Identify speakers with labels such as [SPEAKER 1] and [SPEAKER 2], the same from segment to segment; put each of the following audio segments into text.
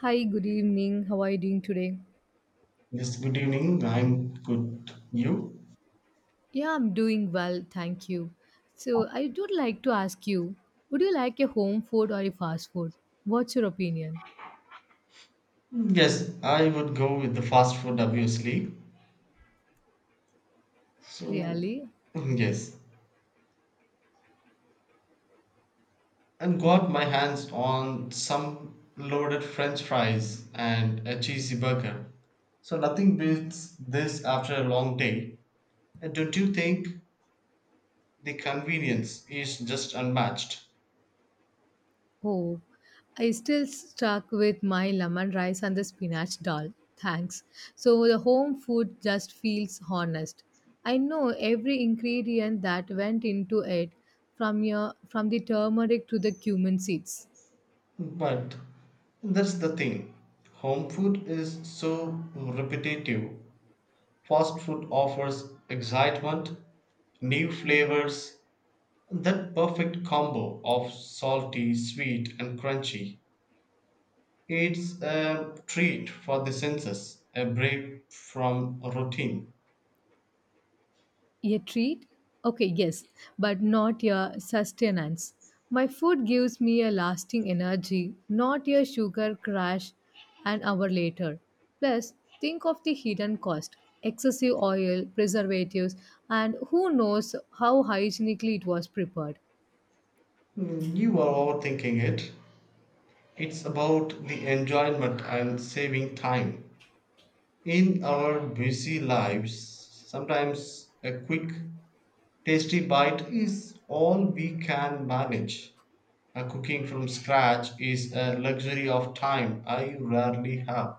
[SPEAKER 1] Hi, good evening. How are you doing today?
[SPEAKER 2] Yes, good evening. I'm good. You?
[SPEAKER 1] Yeah, I'm doing well, thank you. So, I would like to ask you would you like a home food or a fast food? What's your opinion?
[SPEAKER 2] Yes, I would go with the fast food, obviously. So,
[SPEAKER 1] Really?
[SPEAKER 2] yes. And got my hands on some loaded french fries and a cheesy burger. So, nothing beats this after a long day. And don't you think the convenience is just unmatched?
[SPEAKER 1] Oh, I still stuck with my lemon rice and the spinach dal. Thanks. So, the home food just feels honest. I know every ingredient that went into it from your from the turmeric to the cumin seeds.
[SPEAKER 2] But that's the thing. Home food is so repetitive. Fast food offers excitement, new flavors, and that perfect combo of salty, sweet, and crunchy. It's a treat for the senses, a break from routine.
[SPEAKER 1] A treat? Okay, yes, but not a sustenance. My food gives me a lasting energy, not a sugar crash an hour later. Plus, think of the hidden cost: excessive oil, preservatives, and who knows how hygienically it was prepared.
[SPEAKER 2] Mm, you are overthinking it. It's about the enjoyment and saving time. In our busy lives, sometimes a quick, tasty bite is all we can manage. Cooking from scratch is a luxury of time I rarely have.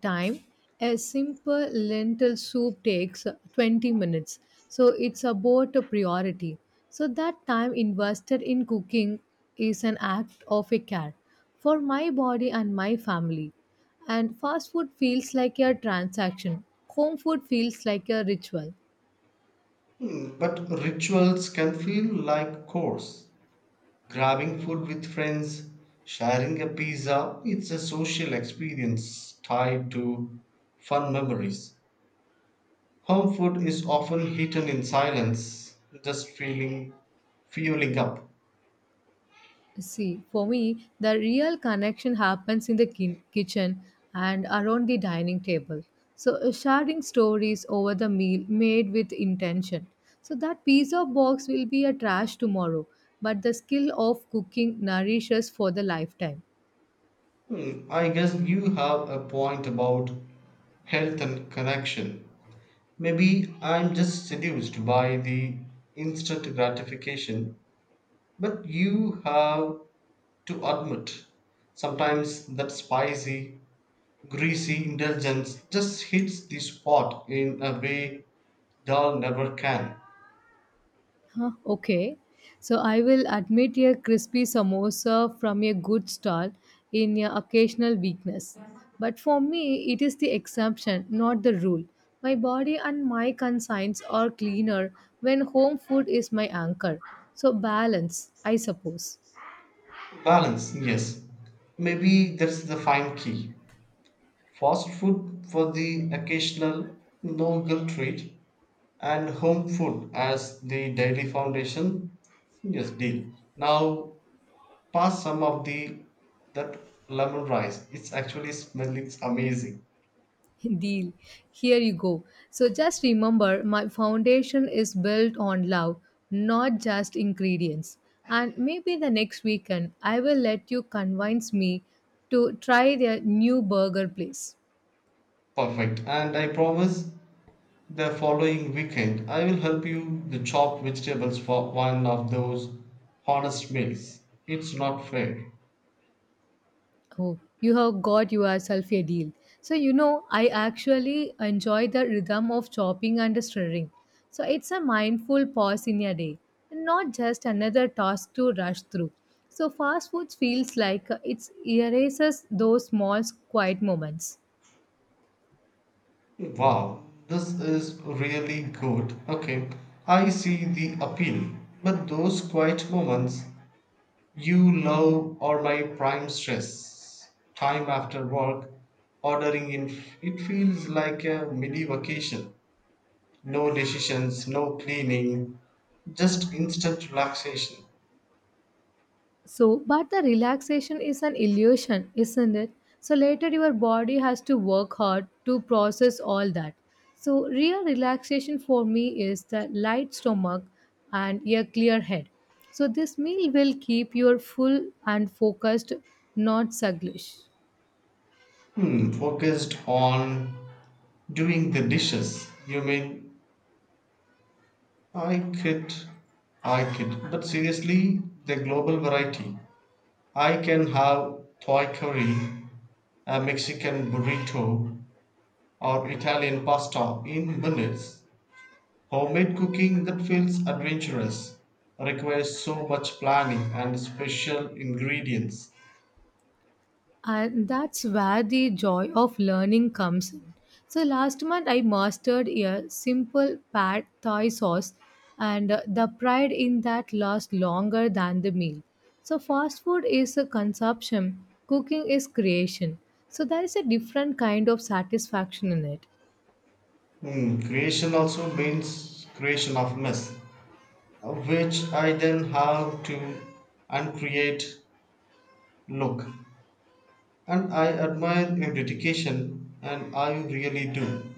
[SPEAKER 1] Time, a simple lentil soup takes 20 minutes, so it's about a priority, so that time invested in cooking is an act of a care for my body and my family, and fast food feels like a transaction, home food feels like a ritual.
[SPEAKER 2] Hmm, but rituals can feel like chores. Grabbing food with friends, sharing a pizza, it's a social experience tied to fun memories. Home food is often eaten in silence, just feeling fueling up.
[SPEAKER 1] See, for me, the real connection happens in the kitchen and around the dining table. So, sharing stories over the meal made with intention. So, that pizza box will be a trash tomorrow, but the skill of cooking nourishes for the lifetime.
[SPEAKER 2] Hmm, I guess you have a point about health and connection. Maybe I'm just seduced by the instant gratification, but you have to admit sometimes that spicy, greasy indulgence just hits the spot in a way dull never can.
[SPEAKER 1] Okay. So I will admit a crispy samosa from a good stall in your occasional weakness. But for me, it is the exception, not the rule. My body and my conscience are cleaner when home food is my anchor. So balance, I suppose.
[SPEAKER 2] Balance, yes. Maybe that's the fine key. Fast food for the occasional no guilt treat, and home food as the daily foundation. Yes, deal. Now pass some of the that lemon rice. It's actually smell it's amazing.
[SPEAKER 1] Deal. Here you go. So just remember my foundation is built on love, not just ingredients. And maybe the next weekend I will let you convince me to try their new burger place.
[SPEAKER 2] Perfect. And I promise the following weekend I will help you the chop vegetables for one of those honest meals. It's not fair.
[SPEAKER 1] Oh, you have got yourself a deal. So, you know, I actually enjoy the rhythm of chopping and stirring. So, it's a mindful pause in your day, and not just another task to rush through. So, fast food feels like it erases those small, quiet moments.
[SPEAKER 2] Wow, this is really good. Okay, I see the appeal, but those quiet moments you love are my prime stress. Time after work, ordering in, it feels like a mini vacation. No decisions, no cleaning, just instant relaxation.
[SPEAKER 1] So, but the relaxation is an illusion, isn't it? So, later your body has to work hard to process all that. So, real relaxation for me is the light stomach and a clear head. So, this meal will keep your full and focused, not sluggish.
[SPEAKER 2] Hmm, focused on doing the dishes. You mean I could, I could. But seriously, the global variety. I can have Thai curry, a Mexican burrito, or Italian pasta in minutes. Homemade cooking that feels adventurous requires so much planning and special ingredients.
[SPEAKER 1] And that's where the joy of learning comes in. So last month I mastered a simple pad thai sauce, and the pride in that lasts longer than the meal. So fast food is a consumption, cooking is creation. So there is a different kind of satisfaction in it.
[SPEAKER 2] Hmm, creation also means creation of mess, which I then have to uncreate look. And I admire your dedication, and I really do.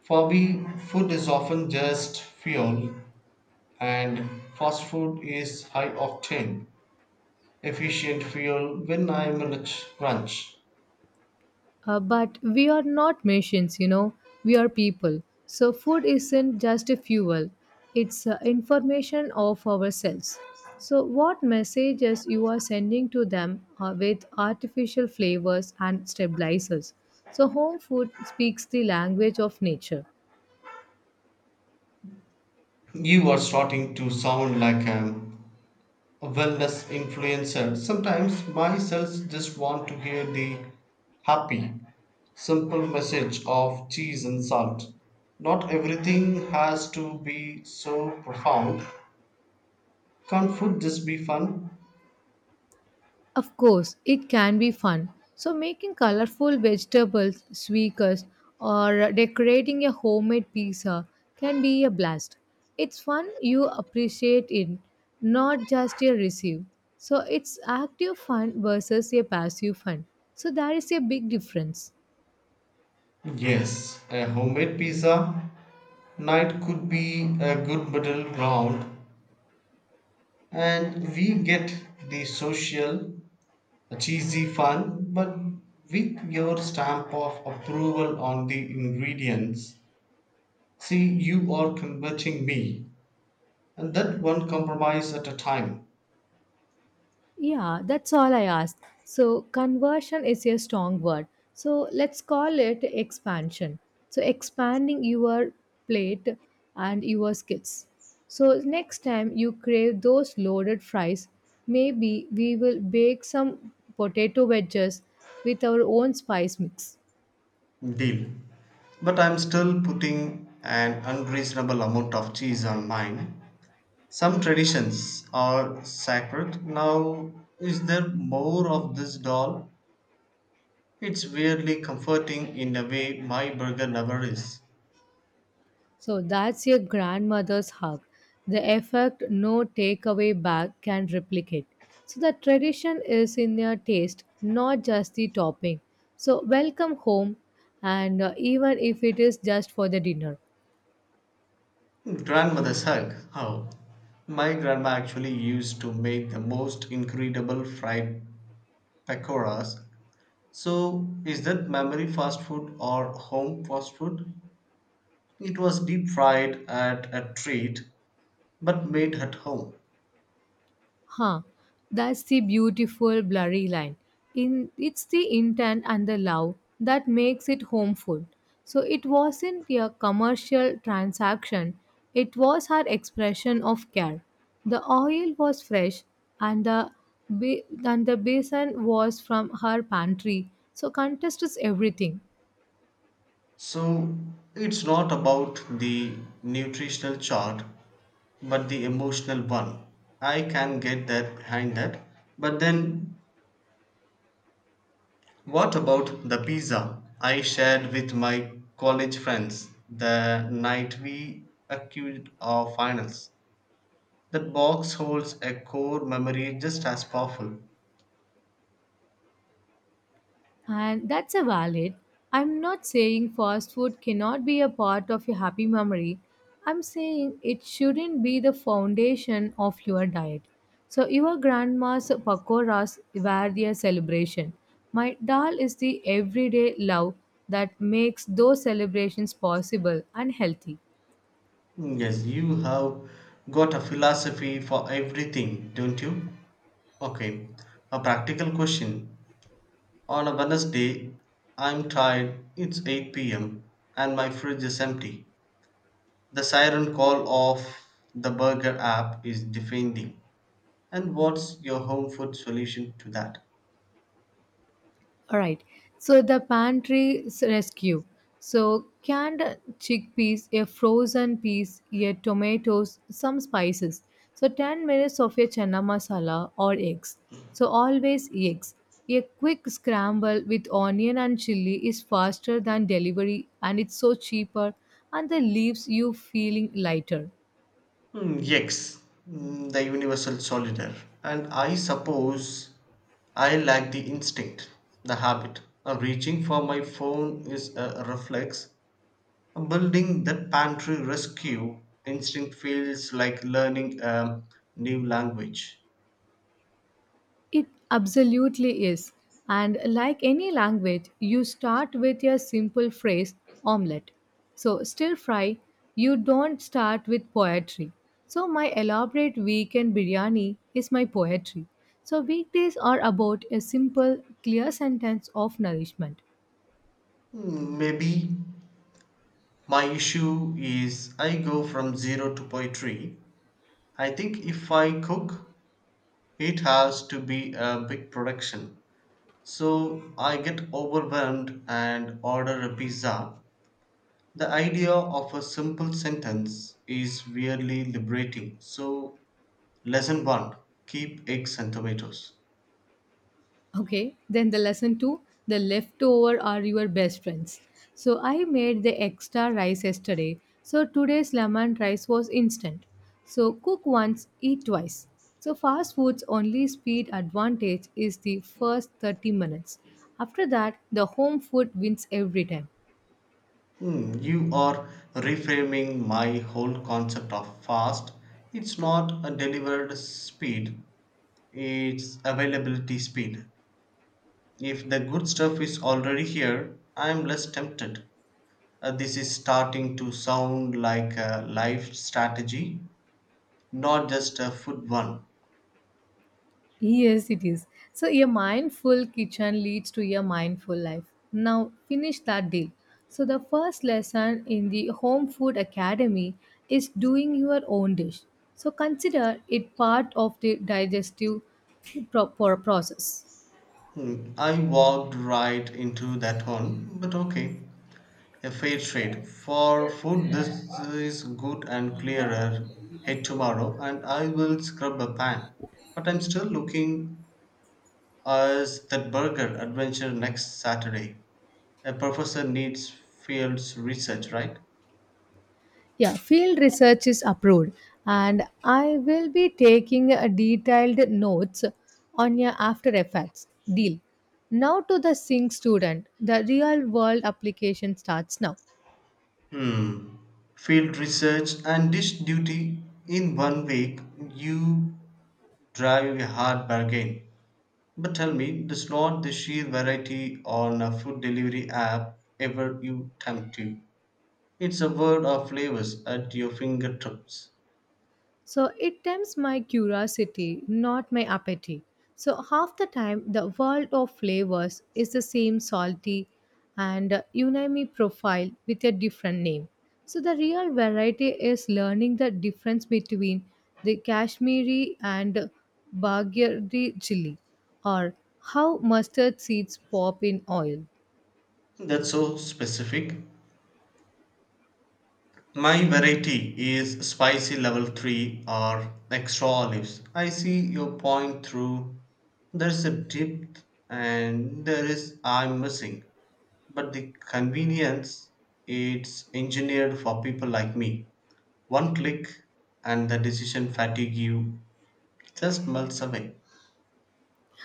[SPEAKER 2] For me, food is often just fuel, and fast food is high octane, efficient fuel when I'm in a crunch.
[SPEAKER 1] But we are not machines, you know, we are people. So, food isn't just a fuel, it's information of ourselves. So, what messages you are sending to them with artificial flavors and stabilizers? So, home food speaks the language of nature.
[SPEAKER 2] You are starting to sound like a wellness influencer. Sometimes my cells just want to hear the happy, simple message of cheese and salt. Not everything has to be so profound. Can't food just be fun?
[SPEAKER 1] Of course, it can be fun. So, making colorful vegetables, sweakers, or decorating a homemade pizza can be a blast. It's fun you appreciate it, not just a receive. So, it's active fun versus a passive fun. So, there is a big difference.
[SPEAKER 2] Yes, a homemade pizza night could be a good middle ground, and we get the social cheesy fun, but with your stamp of approval on the ingredients. See, you are converting me, and that one compromise at a time.
[SPEAKER 1] Yeah, that's all I asked. So, conversion is a strong word. So, let's call it expansion. So, expanding your plate and your skills. So, next time you crave those loaded fries, maybe we will bake some potato wedges with our own spice mix.
[SPEAKER 2] Deal. But I'm still putting an unreasonable amount of cheese on mine. Some traditions are sacred. Now, is there more of this doll? It's weirdly comforting in a way my burger never is.
[SPEAKER 1] So that's your grandmother's hug. The effect no takeaway bag can replicate. So the tradition is in your taste, not just the topping. So welcome home, and even if it is just for the dinner.
[SPEAKER 2] Grandmother's hug. How? My grandma actually used to make the most incredible fried pakoras. So, is that memory fast food or home fast food? It was deep fried at a treat but made at home.
[SPEAKER 1] Huh. That's the beautiful blurry line. In it's the intent and the love that makes it homeful. So it wasn't a commercial transaction. It was her expression of care. The oil was fresh and and the basin was from her pantry. So contest is everything.
[SPEAKER 2] So, it's not about the nutritional chart but the emotional one. I can get that behind that. But then what about the pizza I shared with my college friends the night we accused our finals? That box holds a core memory just as powerful.
[SPEAKER 1] And that's a valid. I'm not saying fast food cannot be a part of your happy memory. I'm saying it shouldn't be the foundation of your diet. So your grandma's pakoras were their celebration. My dal is the everyday love that makes those celebrations possible and healthy.
[SPEAKER 2] Yes, you have got a philosophy for everything, don't you? Okay, a practical question. On a Wednesday, I'm tired, it's 8 p.m., and my fridge is empty. The siren call of the burger app is defending. And what's your home food solution to that?
[SPEAKER 1] All right. So the pantry rescue. So canned chickpeas, a frozen peas, a tomatoes, some spices. So 10 minutes of a chana masala or eggs. So always eggs. A quick scramble with onion and chili is faster than delivery and it's so cheaper and the leaves you feeling lighter.
[SPEAKER 2] Hmm, yes, mm, the universal solider. And I suppose I lack the instinct, the habit. Reaching for my phone is a reflex. Building that pantry rescue instinct feels like learning a new language.
[SPEAKER 1] It absolutely is. And like any language, you start with a simple phrase, omelette. So, stir fry, you don't start with poetry. So, my elaborate weekend biryani is my poetry. So, weekdays are about a simple, clear sentence of nourishment.
[SPEAKER 2] Hmm, maybe my issue is I go from zero to poetry. I think if I cook, it has to be a big production. So I get overwhelmed and order a pizza. The idea of a simple sentence is weirdly liberating. So, lesson one, keep eggs and tomatoes.
[SPEAKER 1] Okay, then the lesson two, the leftover are your best friends. So I made the extra rice yesterday. So today's lemon rice was instant. So cook once, eat twice. So fast food's only speed advantage is the first 30 minutes. After that, the home food wins every time.
[SPEAKER 2] Hmm, you are reframing my whole concept of fast. It's not a delivered speed, it's availability speed. If the good stuff is already here, I'm less tempted. This is starting to sound like a life strategy, not just a food one.
[SPEAKER 1] Yes, it is. So, a mindful kitchen leads to a mindful life. Now, finish that deal. So, the first lesson in the Home Food Academy is doing your own dish. So, consider it part of the digestive process.
[SPEAKER 2] Hmm, I walked right into that one, but okay. A fair trade. For food, this is good and clearer. Head tomorrow and I will scrub a pan. But I'm still looking as that burger adventure next Saturday. A professor needs fields research, right?
[SPEAKER 1] Yeah, field research is approved, and I will be taking a detailed notes on your after effects deal. Now to the sync student, the real world application starts now.
[SPEAKER 2] Hmm. Field research and dish duty in 1 week, you drive a hard bargain. But tell me, does not the sheer variety on a food delivery app ever you tempt you? It's a world of flavors at your fingertips.
[SPEAKER 1] So it tempts my curiosity, not my appetite. So half the time, the world of flavors is the same salty and unami profile with a different name. So the real variety is learning the difference between the Kashmiri and Bagirdi chili, or how mustard seeds pop in oil.
[SPEAKER 2] That's so specific. My variety is spicy level 3 or extra olives. I see your point through. There's a depth and there is I'm missing. But the convenience, it's engineered for people like me. One click and the decision fatigue you just melts away.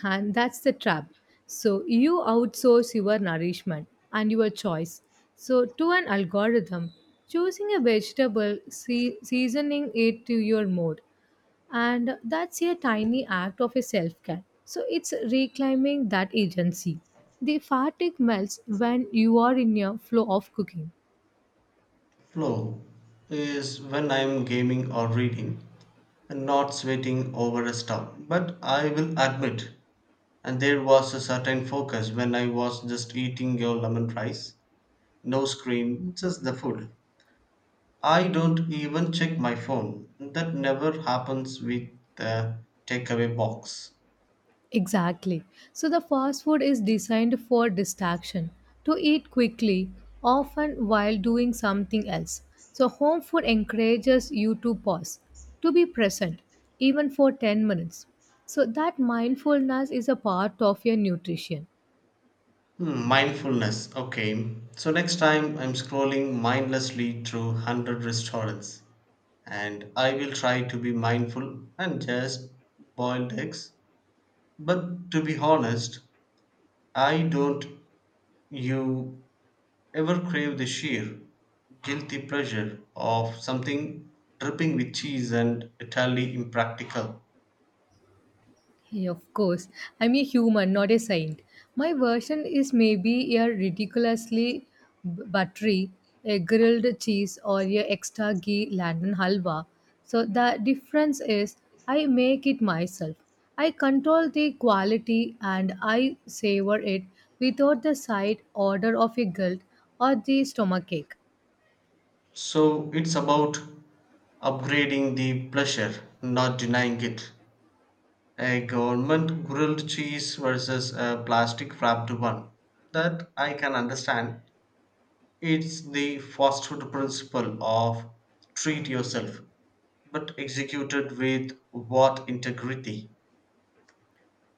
[SPEAKER 1] And that's the trap. So you outsource your nourishment and your choice. So to an algorithm, choosing a vegetable, seasoning it to your mood. And that's a tiny act of a self care. So it's reclaiming that agency. The fatigue melts when you are in a flow of cooking.
[SPEAKER 2] Flow is when I'm gaming or reading and not sweating over a stuff. But I will admit, and there was a certain focus when I was just eating your lemon rice. No screen, just the food. I don't even check my phone. That never happens with the takeaway box.
[SPEAKER 1] Exactly. So the fast food is designed for distraction, to eat quickly, often while doing something else. So home food encourages you to pause, to be present, even for 10 minutes. So that mindfulness is a part of your nutrition.
[SPEAKER 2] Hmm, mindfulness. Okay. So next time I'm scrolling mindlessly through 100 restaurants and I will try to be mindful and just boiled eggs. But to be honest, I don't you ever crave the sheer guilty pleasure of something dripping with cheese and utterly impractical.
[SPEAKER 1] Yeah, of course. I'm a human, not a saint. My version is maybe a ridiculously buttery, a grilled cheese, or a extra ghee London halwa. So the difference is I make it myself. I control the quality and I savor it without the side order of a guilt or the stomachache.
[SPEAKER 2] So it's about upgrading the pleasure, not denying it. A government grilled cheese versus a plastic wrapped one. That I can understand. It's the fast food principle of treat yourself, but executed with what integrity?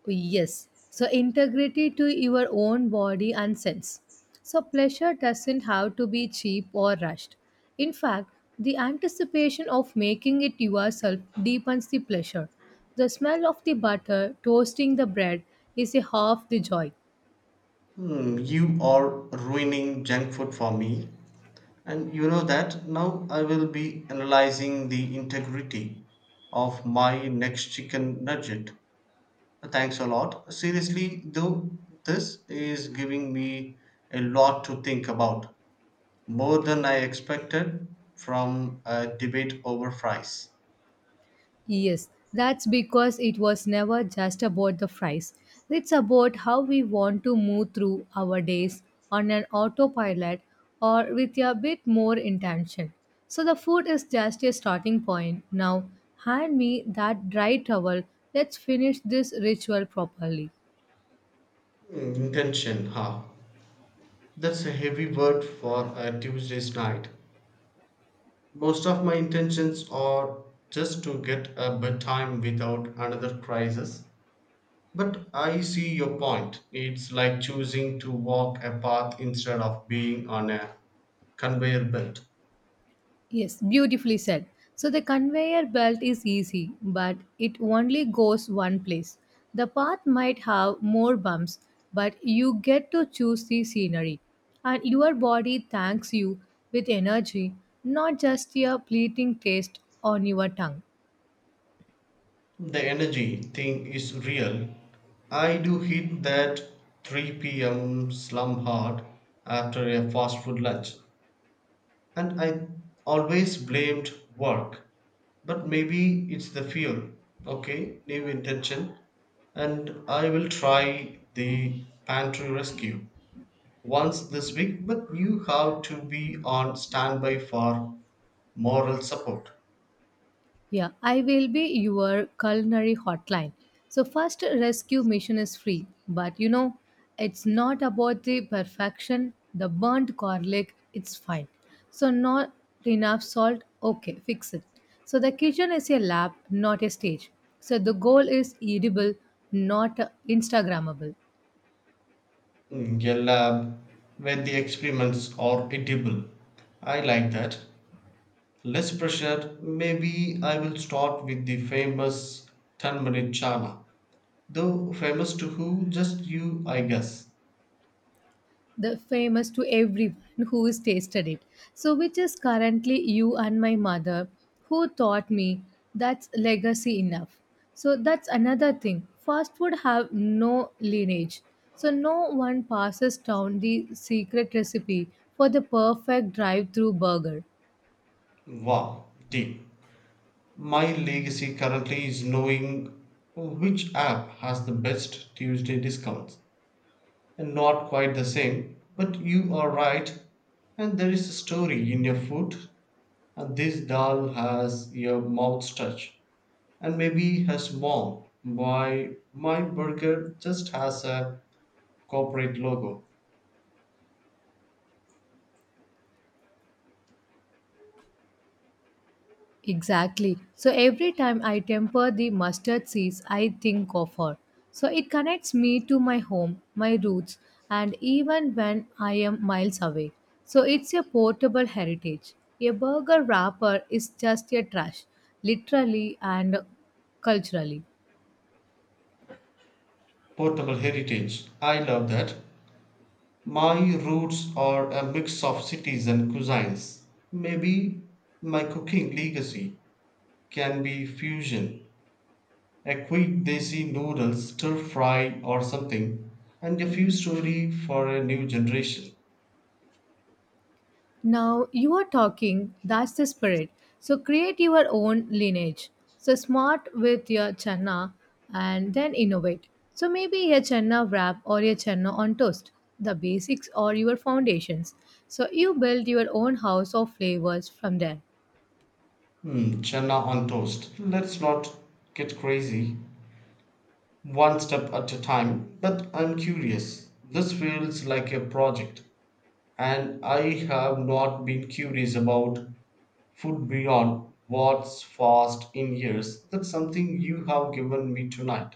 [SPEAKER 1] Yes. So integrity to your own body and sense. So pleasure doesn't have to be cheap or rushed. In fact, the anticipation of making it yourself deepens the pleasure. The smell of the butter toasting the bread is a half the joy.
[SPEAKER 2] Hmm, you are ruining junk food for me. And you know that now I will be analyzing the integrity of my next chicken nugget. Thanks a lot. Seriously, though, this is giving me a lot to think about, more than I expected from a debate over fries.
[SPEAKER 1] Yes, that's because it was never just about the fries. It's about how we want to move through our days on an autopilot or with a bit more intention. So the food is just a starting point. Now, hand me that dry towel. Let's finish this ritual properly.
[SPEAKER 2] Hmm, intention, huh? That's a heavy word for a Tuesday's night. Most of my intentions are just to get a bedtime without another crisis. But I see your point. It's like choosing to walk a path instead of being on a conveyor belt.
[SPEAKER 1] Yes, beautifully said. So the conveyor belt is easy, but it only goes one place. The path might have more bumps, but you get to choose the scenery. And your body thanks you with energy, not just a fleeting taste on your tongue.
[SPEAKER 2] The energy thing is real. I do hit that 3 p.m. slump hard after a fast food lunch, and I always blamed work. But maybe it's the fuel. Okay, new intention, and I will try the pantry rescue once this week, but you have to be on standby for moral support.
[SPEAKER 1] Yeah, I will be your culinary hotline. So, first rescue mission is free, but you know, it's not about the perfection, the burnt garlic, it's fine. So, not enough salt, okay, fix it. So, the kitchen is a lab, not a stage. So, the goal is edible, not Instagrammable.
[SPEAKER 2] In a lab where the experiments are edible. I like that. Less pressure, maybe I will start with the famous 10-minute chana. Though famous to who? Just you, I guess.
[SPEAKER 1] The famous to everyone who has tasted it. So, which is currently you and my mother who taught me, that's legacy enough. So, that's another thing. Fast food have no lineage. So, no one passes down the secret recipe for the perfect drive through burger.
[SPEAKER 2] Wow, deep. My legacy currently is knowing which app has the best Tuesday discounts. And not quite the same, but you are right, and there is a story in your food. And this dal has your mouth's touch and maybe has warmth, why my burger just has a corporate logo.
[SPEAKER 1] Exactly. So every time I temper the mustard seeds, I think of her. So it connects me to my home, my roots, and even when I am miles away. So it's a portable heritage. A burger wrapper is just a trash, literally and culturally.
[SPEAKER 2] Portable heritage. I love that. My roots are a mix of cities and cuisines. Maybe my cooking legacy can be fusion. A quick desi noodle stir fry or something, and a few story for a new generation.
[SPEAKER 1] Now you are talking, that's the spirit. So create your own lineage. So smart with your chana and then innovate. So maybe a chana wrap or a chana on toast. The basics or your foundations. So you build your own house of flavors from there.
[SPEAKER 2] Hmm, chana on toast. Let's not get crazy, one step at a time. But I'm curious. This feels like a project, and I have not been curious about food beyond what's fast in years. That's something you have given me tonight.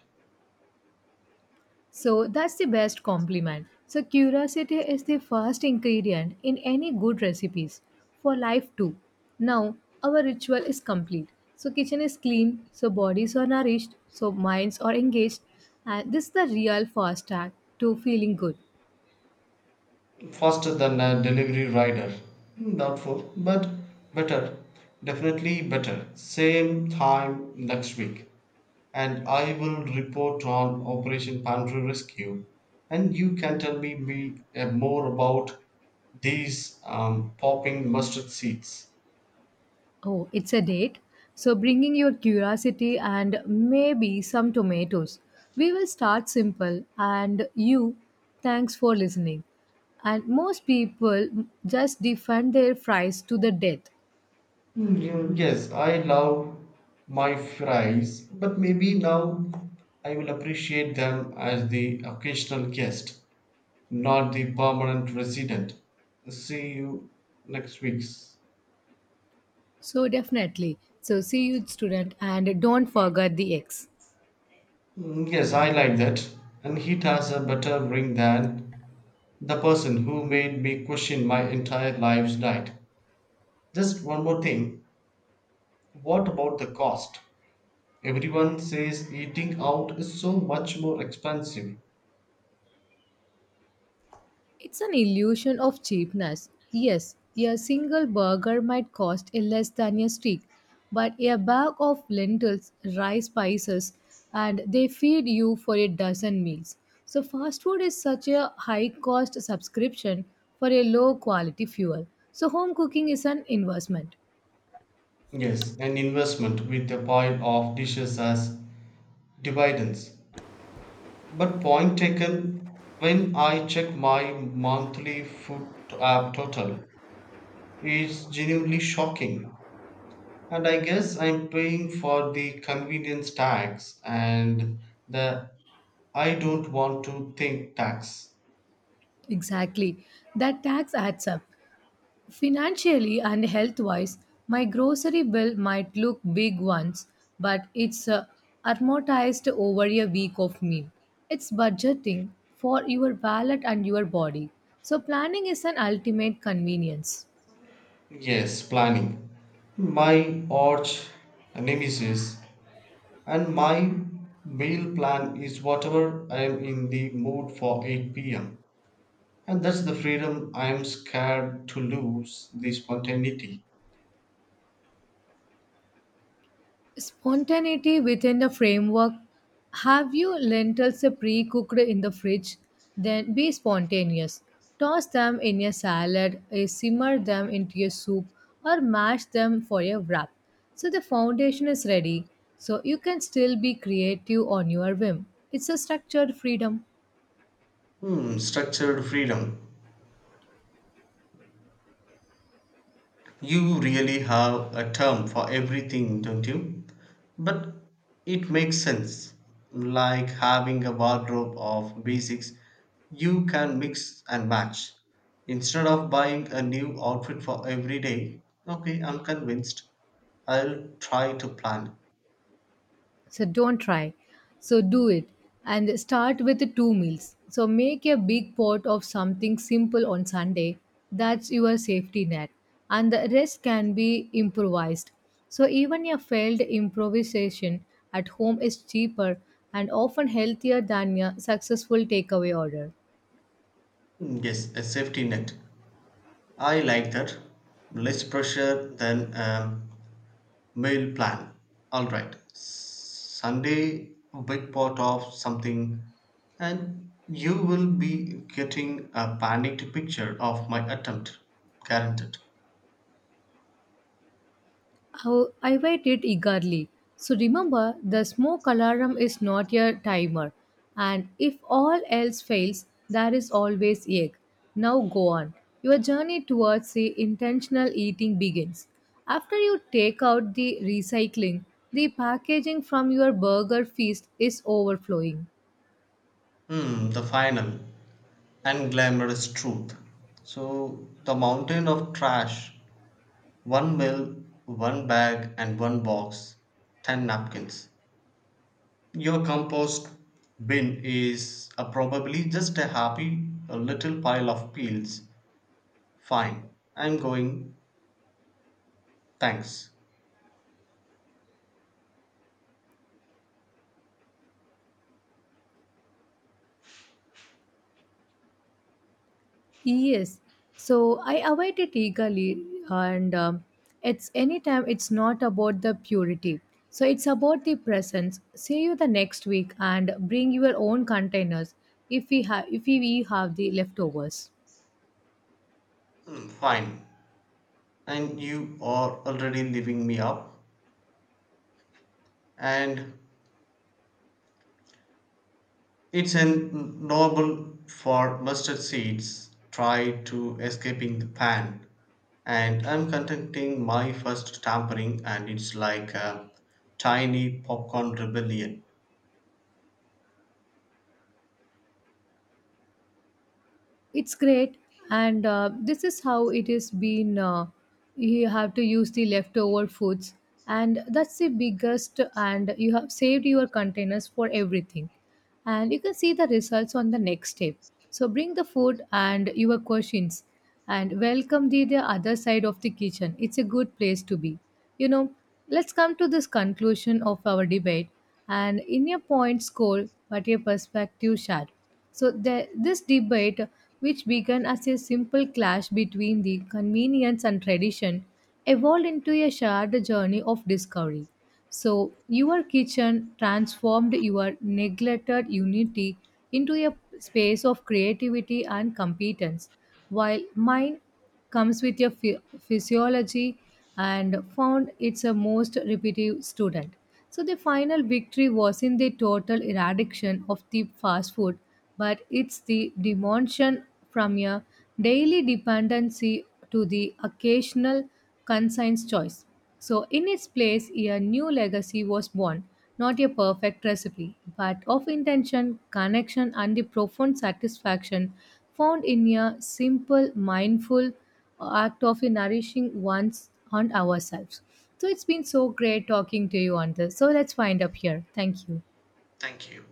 [SPEAKER 1] So that's the best compliment. So curiosity is the first ingredient in any good recipes for life too. Now our ritual is complete. So kitchen is clean, so bodies are nourished, so minds are engaged and this is the real first track to feeling good.
[SPEAKER 2] Faster than a delivery rider. Hmm, doubtful but better, definitely better. Same time next week, and I will report on operation pantry rescue, and you can tell me more about these popping mustard seeds.
[SPEAKER 1] Oh, it's a date. So bringing your curiosity and maybe some tomatoes. We will start simple and you thanks for listening. And most people just defend their fries to the death.
[SPEAKER 2] Yes, I love my fries but maybe now I will appreciate them as the occasional guest, not the permanent resident. See you next week's.
[SPEAKER 1] So definitely. So see you student and don't forget the X.
[SPEAKER 2] Mm, yes, I like that. And it has a better ring than the person who made me question my entire life's diet. Just one more thing. What about the cost? Everyone says eating out is so much more expensive.
[SPEAKER 1] It's an illusion of cheapness. Yes, a single burger might cost a less than a steak, but a bag of lentils, rice spices, and they feed you for a dozen meals. So fast food is such a high cost subscription for a low quality fuel. So home cooking is an investment.
[SPEAKER 2] Yes, an investment with a pile of dishes as dividends. But point taken, when I check my monthly food app total, it's genuinely shocking. And I guess I'm paying for the convenience tax and the I don't want to think tax.
[SPEAKER 1] Exactly. That tax adds up. Financially and health wise, my grocery bill might look big once, but it's amortized over a week of meal. It's budgeting for your wallet and your body. So, planning is an ultimate convenience.
[SPEAKER 2] Yes, planning. My arch nemesis, and my meal plan is whatever I am in the mood for 8 pm. And that's the freedom I am scared to lose, the spontaneity.
[SPEAKER 1] Spontaneity within the framework. Have you lentils pre cooked in the fridge? Then be spontaneous. Toss them in a salad, eh, simmer them into a soup, or mash them for a wrap. So the foundation is ready, so you can still be creative on your whim. It's a structured freedom.
[SPEAKER 2] Hmm, structured freedom. You really have a term for everything, don't you? But it makes sense. Like having a wardrobe of basics you can mix and match. Instead of buying a new outfit for every day, okay, I'm convinced. I'll try to plan.
[SPEAKER 1] So don't try. So do it. And start with the two meals. So make a big pot of something simple on Sunday. That's your safety net. And the rest can be improvised. So even a failed improvisation at home is cheaper and often healthier than a successful takeaway order.
[SPEAKER 2] Yes, a safety net. I like that. Less pressure than meal plan. All right. Sunday, a big pot of something, and you will be getting a panicked picture of my attempt, guaranteed.
[SPEAKER 1] Oh, I waited eagerly. So remember, the smoke alarm is not your timer. And if all else fails, there is always egg. Now go on. Your journey towards the intentional eating begins. After you take out the recycling, the packaging from your burger feast is overflowing.
[SPEAKER 2] Hmm, the final and glamorous truth. So, the mountain of trash: one mill, one bag, and one box, 10 napkins. Your compost bin is probably just a happy a little pile of peels. Fine, I'm going. Thanks.
[SPEAKER 1] Yes. So I await it eagerly, and it's anytime it's not about the purity. So it's about the presence. See you the next week and bring your own containers if we have the leftovers.
[SPEAKER 2] Mm, fine. And you are already leaving me up. And it's an noble for mustard seeds. Try to escaping the pan. And I'm conducting my first tampering, and it's like a tiny popcorn rebellion.
[SPEAKER 1] It's great and this is how it is been. You have to use the leftover foods, and that's the biggest, and you have saved your containers for everything, and you can see the results on the next step. So bring the food and your questions, and welcome the other side of the kitchen, it's a good place to be, you know. Let's come to this conclusion of our debate, and in your point score but your perspective shared. So this debate, which began as a simple clash between the convenience and tradition, evolved into a shared journey of discovery. So your kitchen transformed your neglected unity into a space of creativity and competence, while mine comes with your physiology and found it's a most repetitive student. So the final victory was in the total eradication of the fast food, but it's the demotion from a daily dependency to the occasional conscience choice. So, in its place, a new legacy was born. Not a perfect recipe, but of intention, connection, and the profound satisfaction found in a simple, mindful act of nourishing one's and ourselves. So, it's been so great talking to you on this. So, let's wind up here. Thank you.
[SPEAKER 2] Thank you.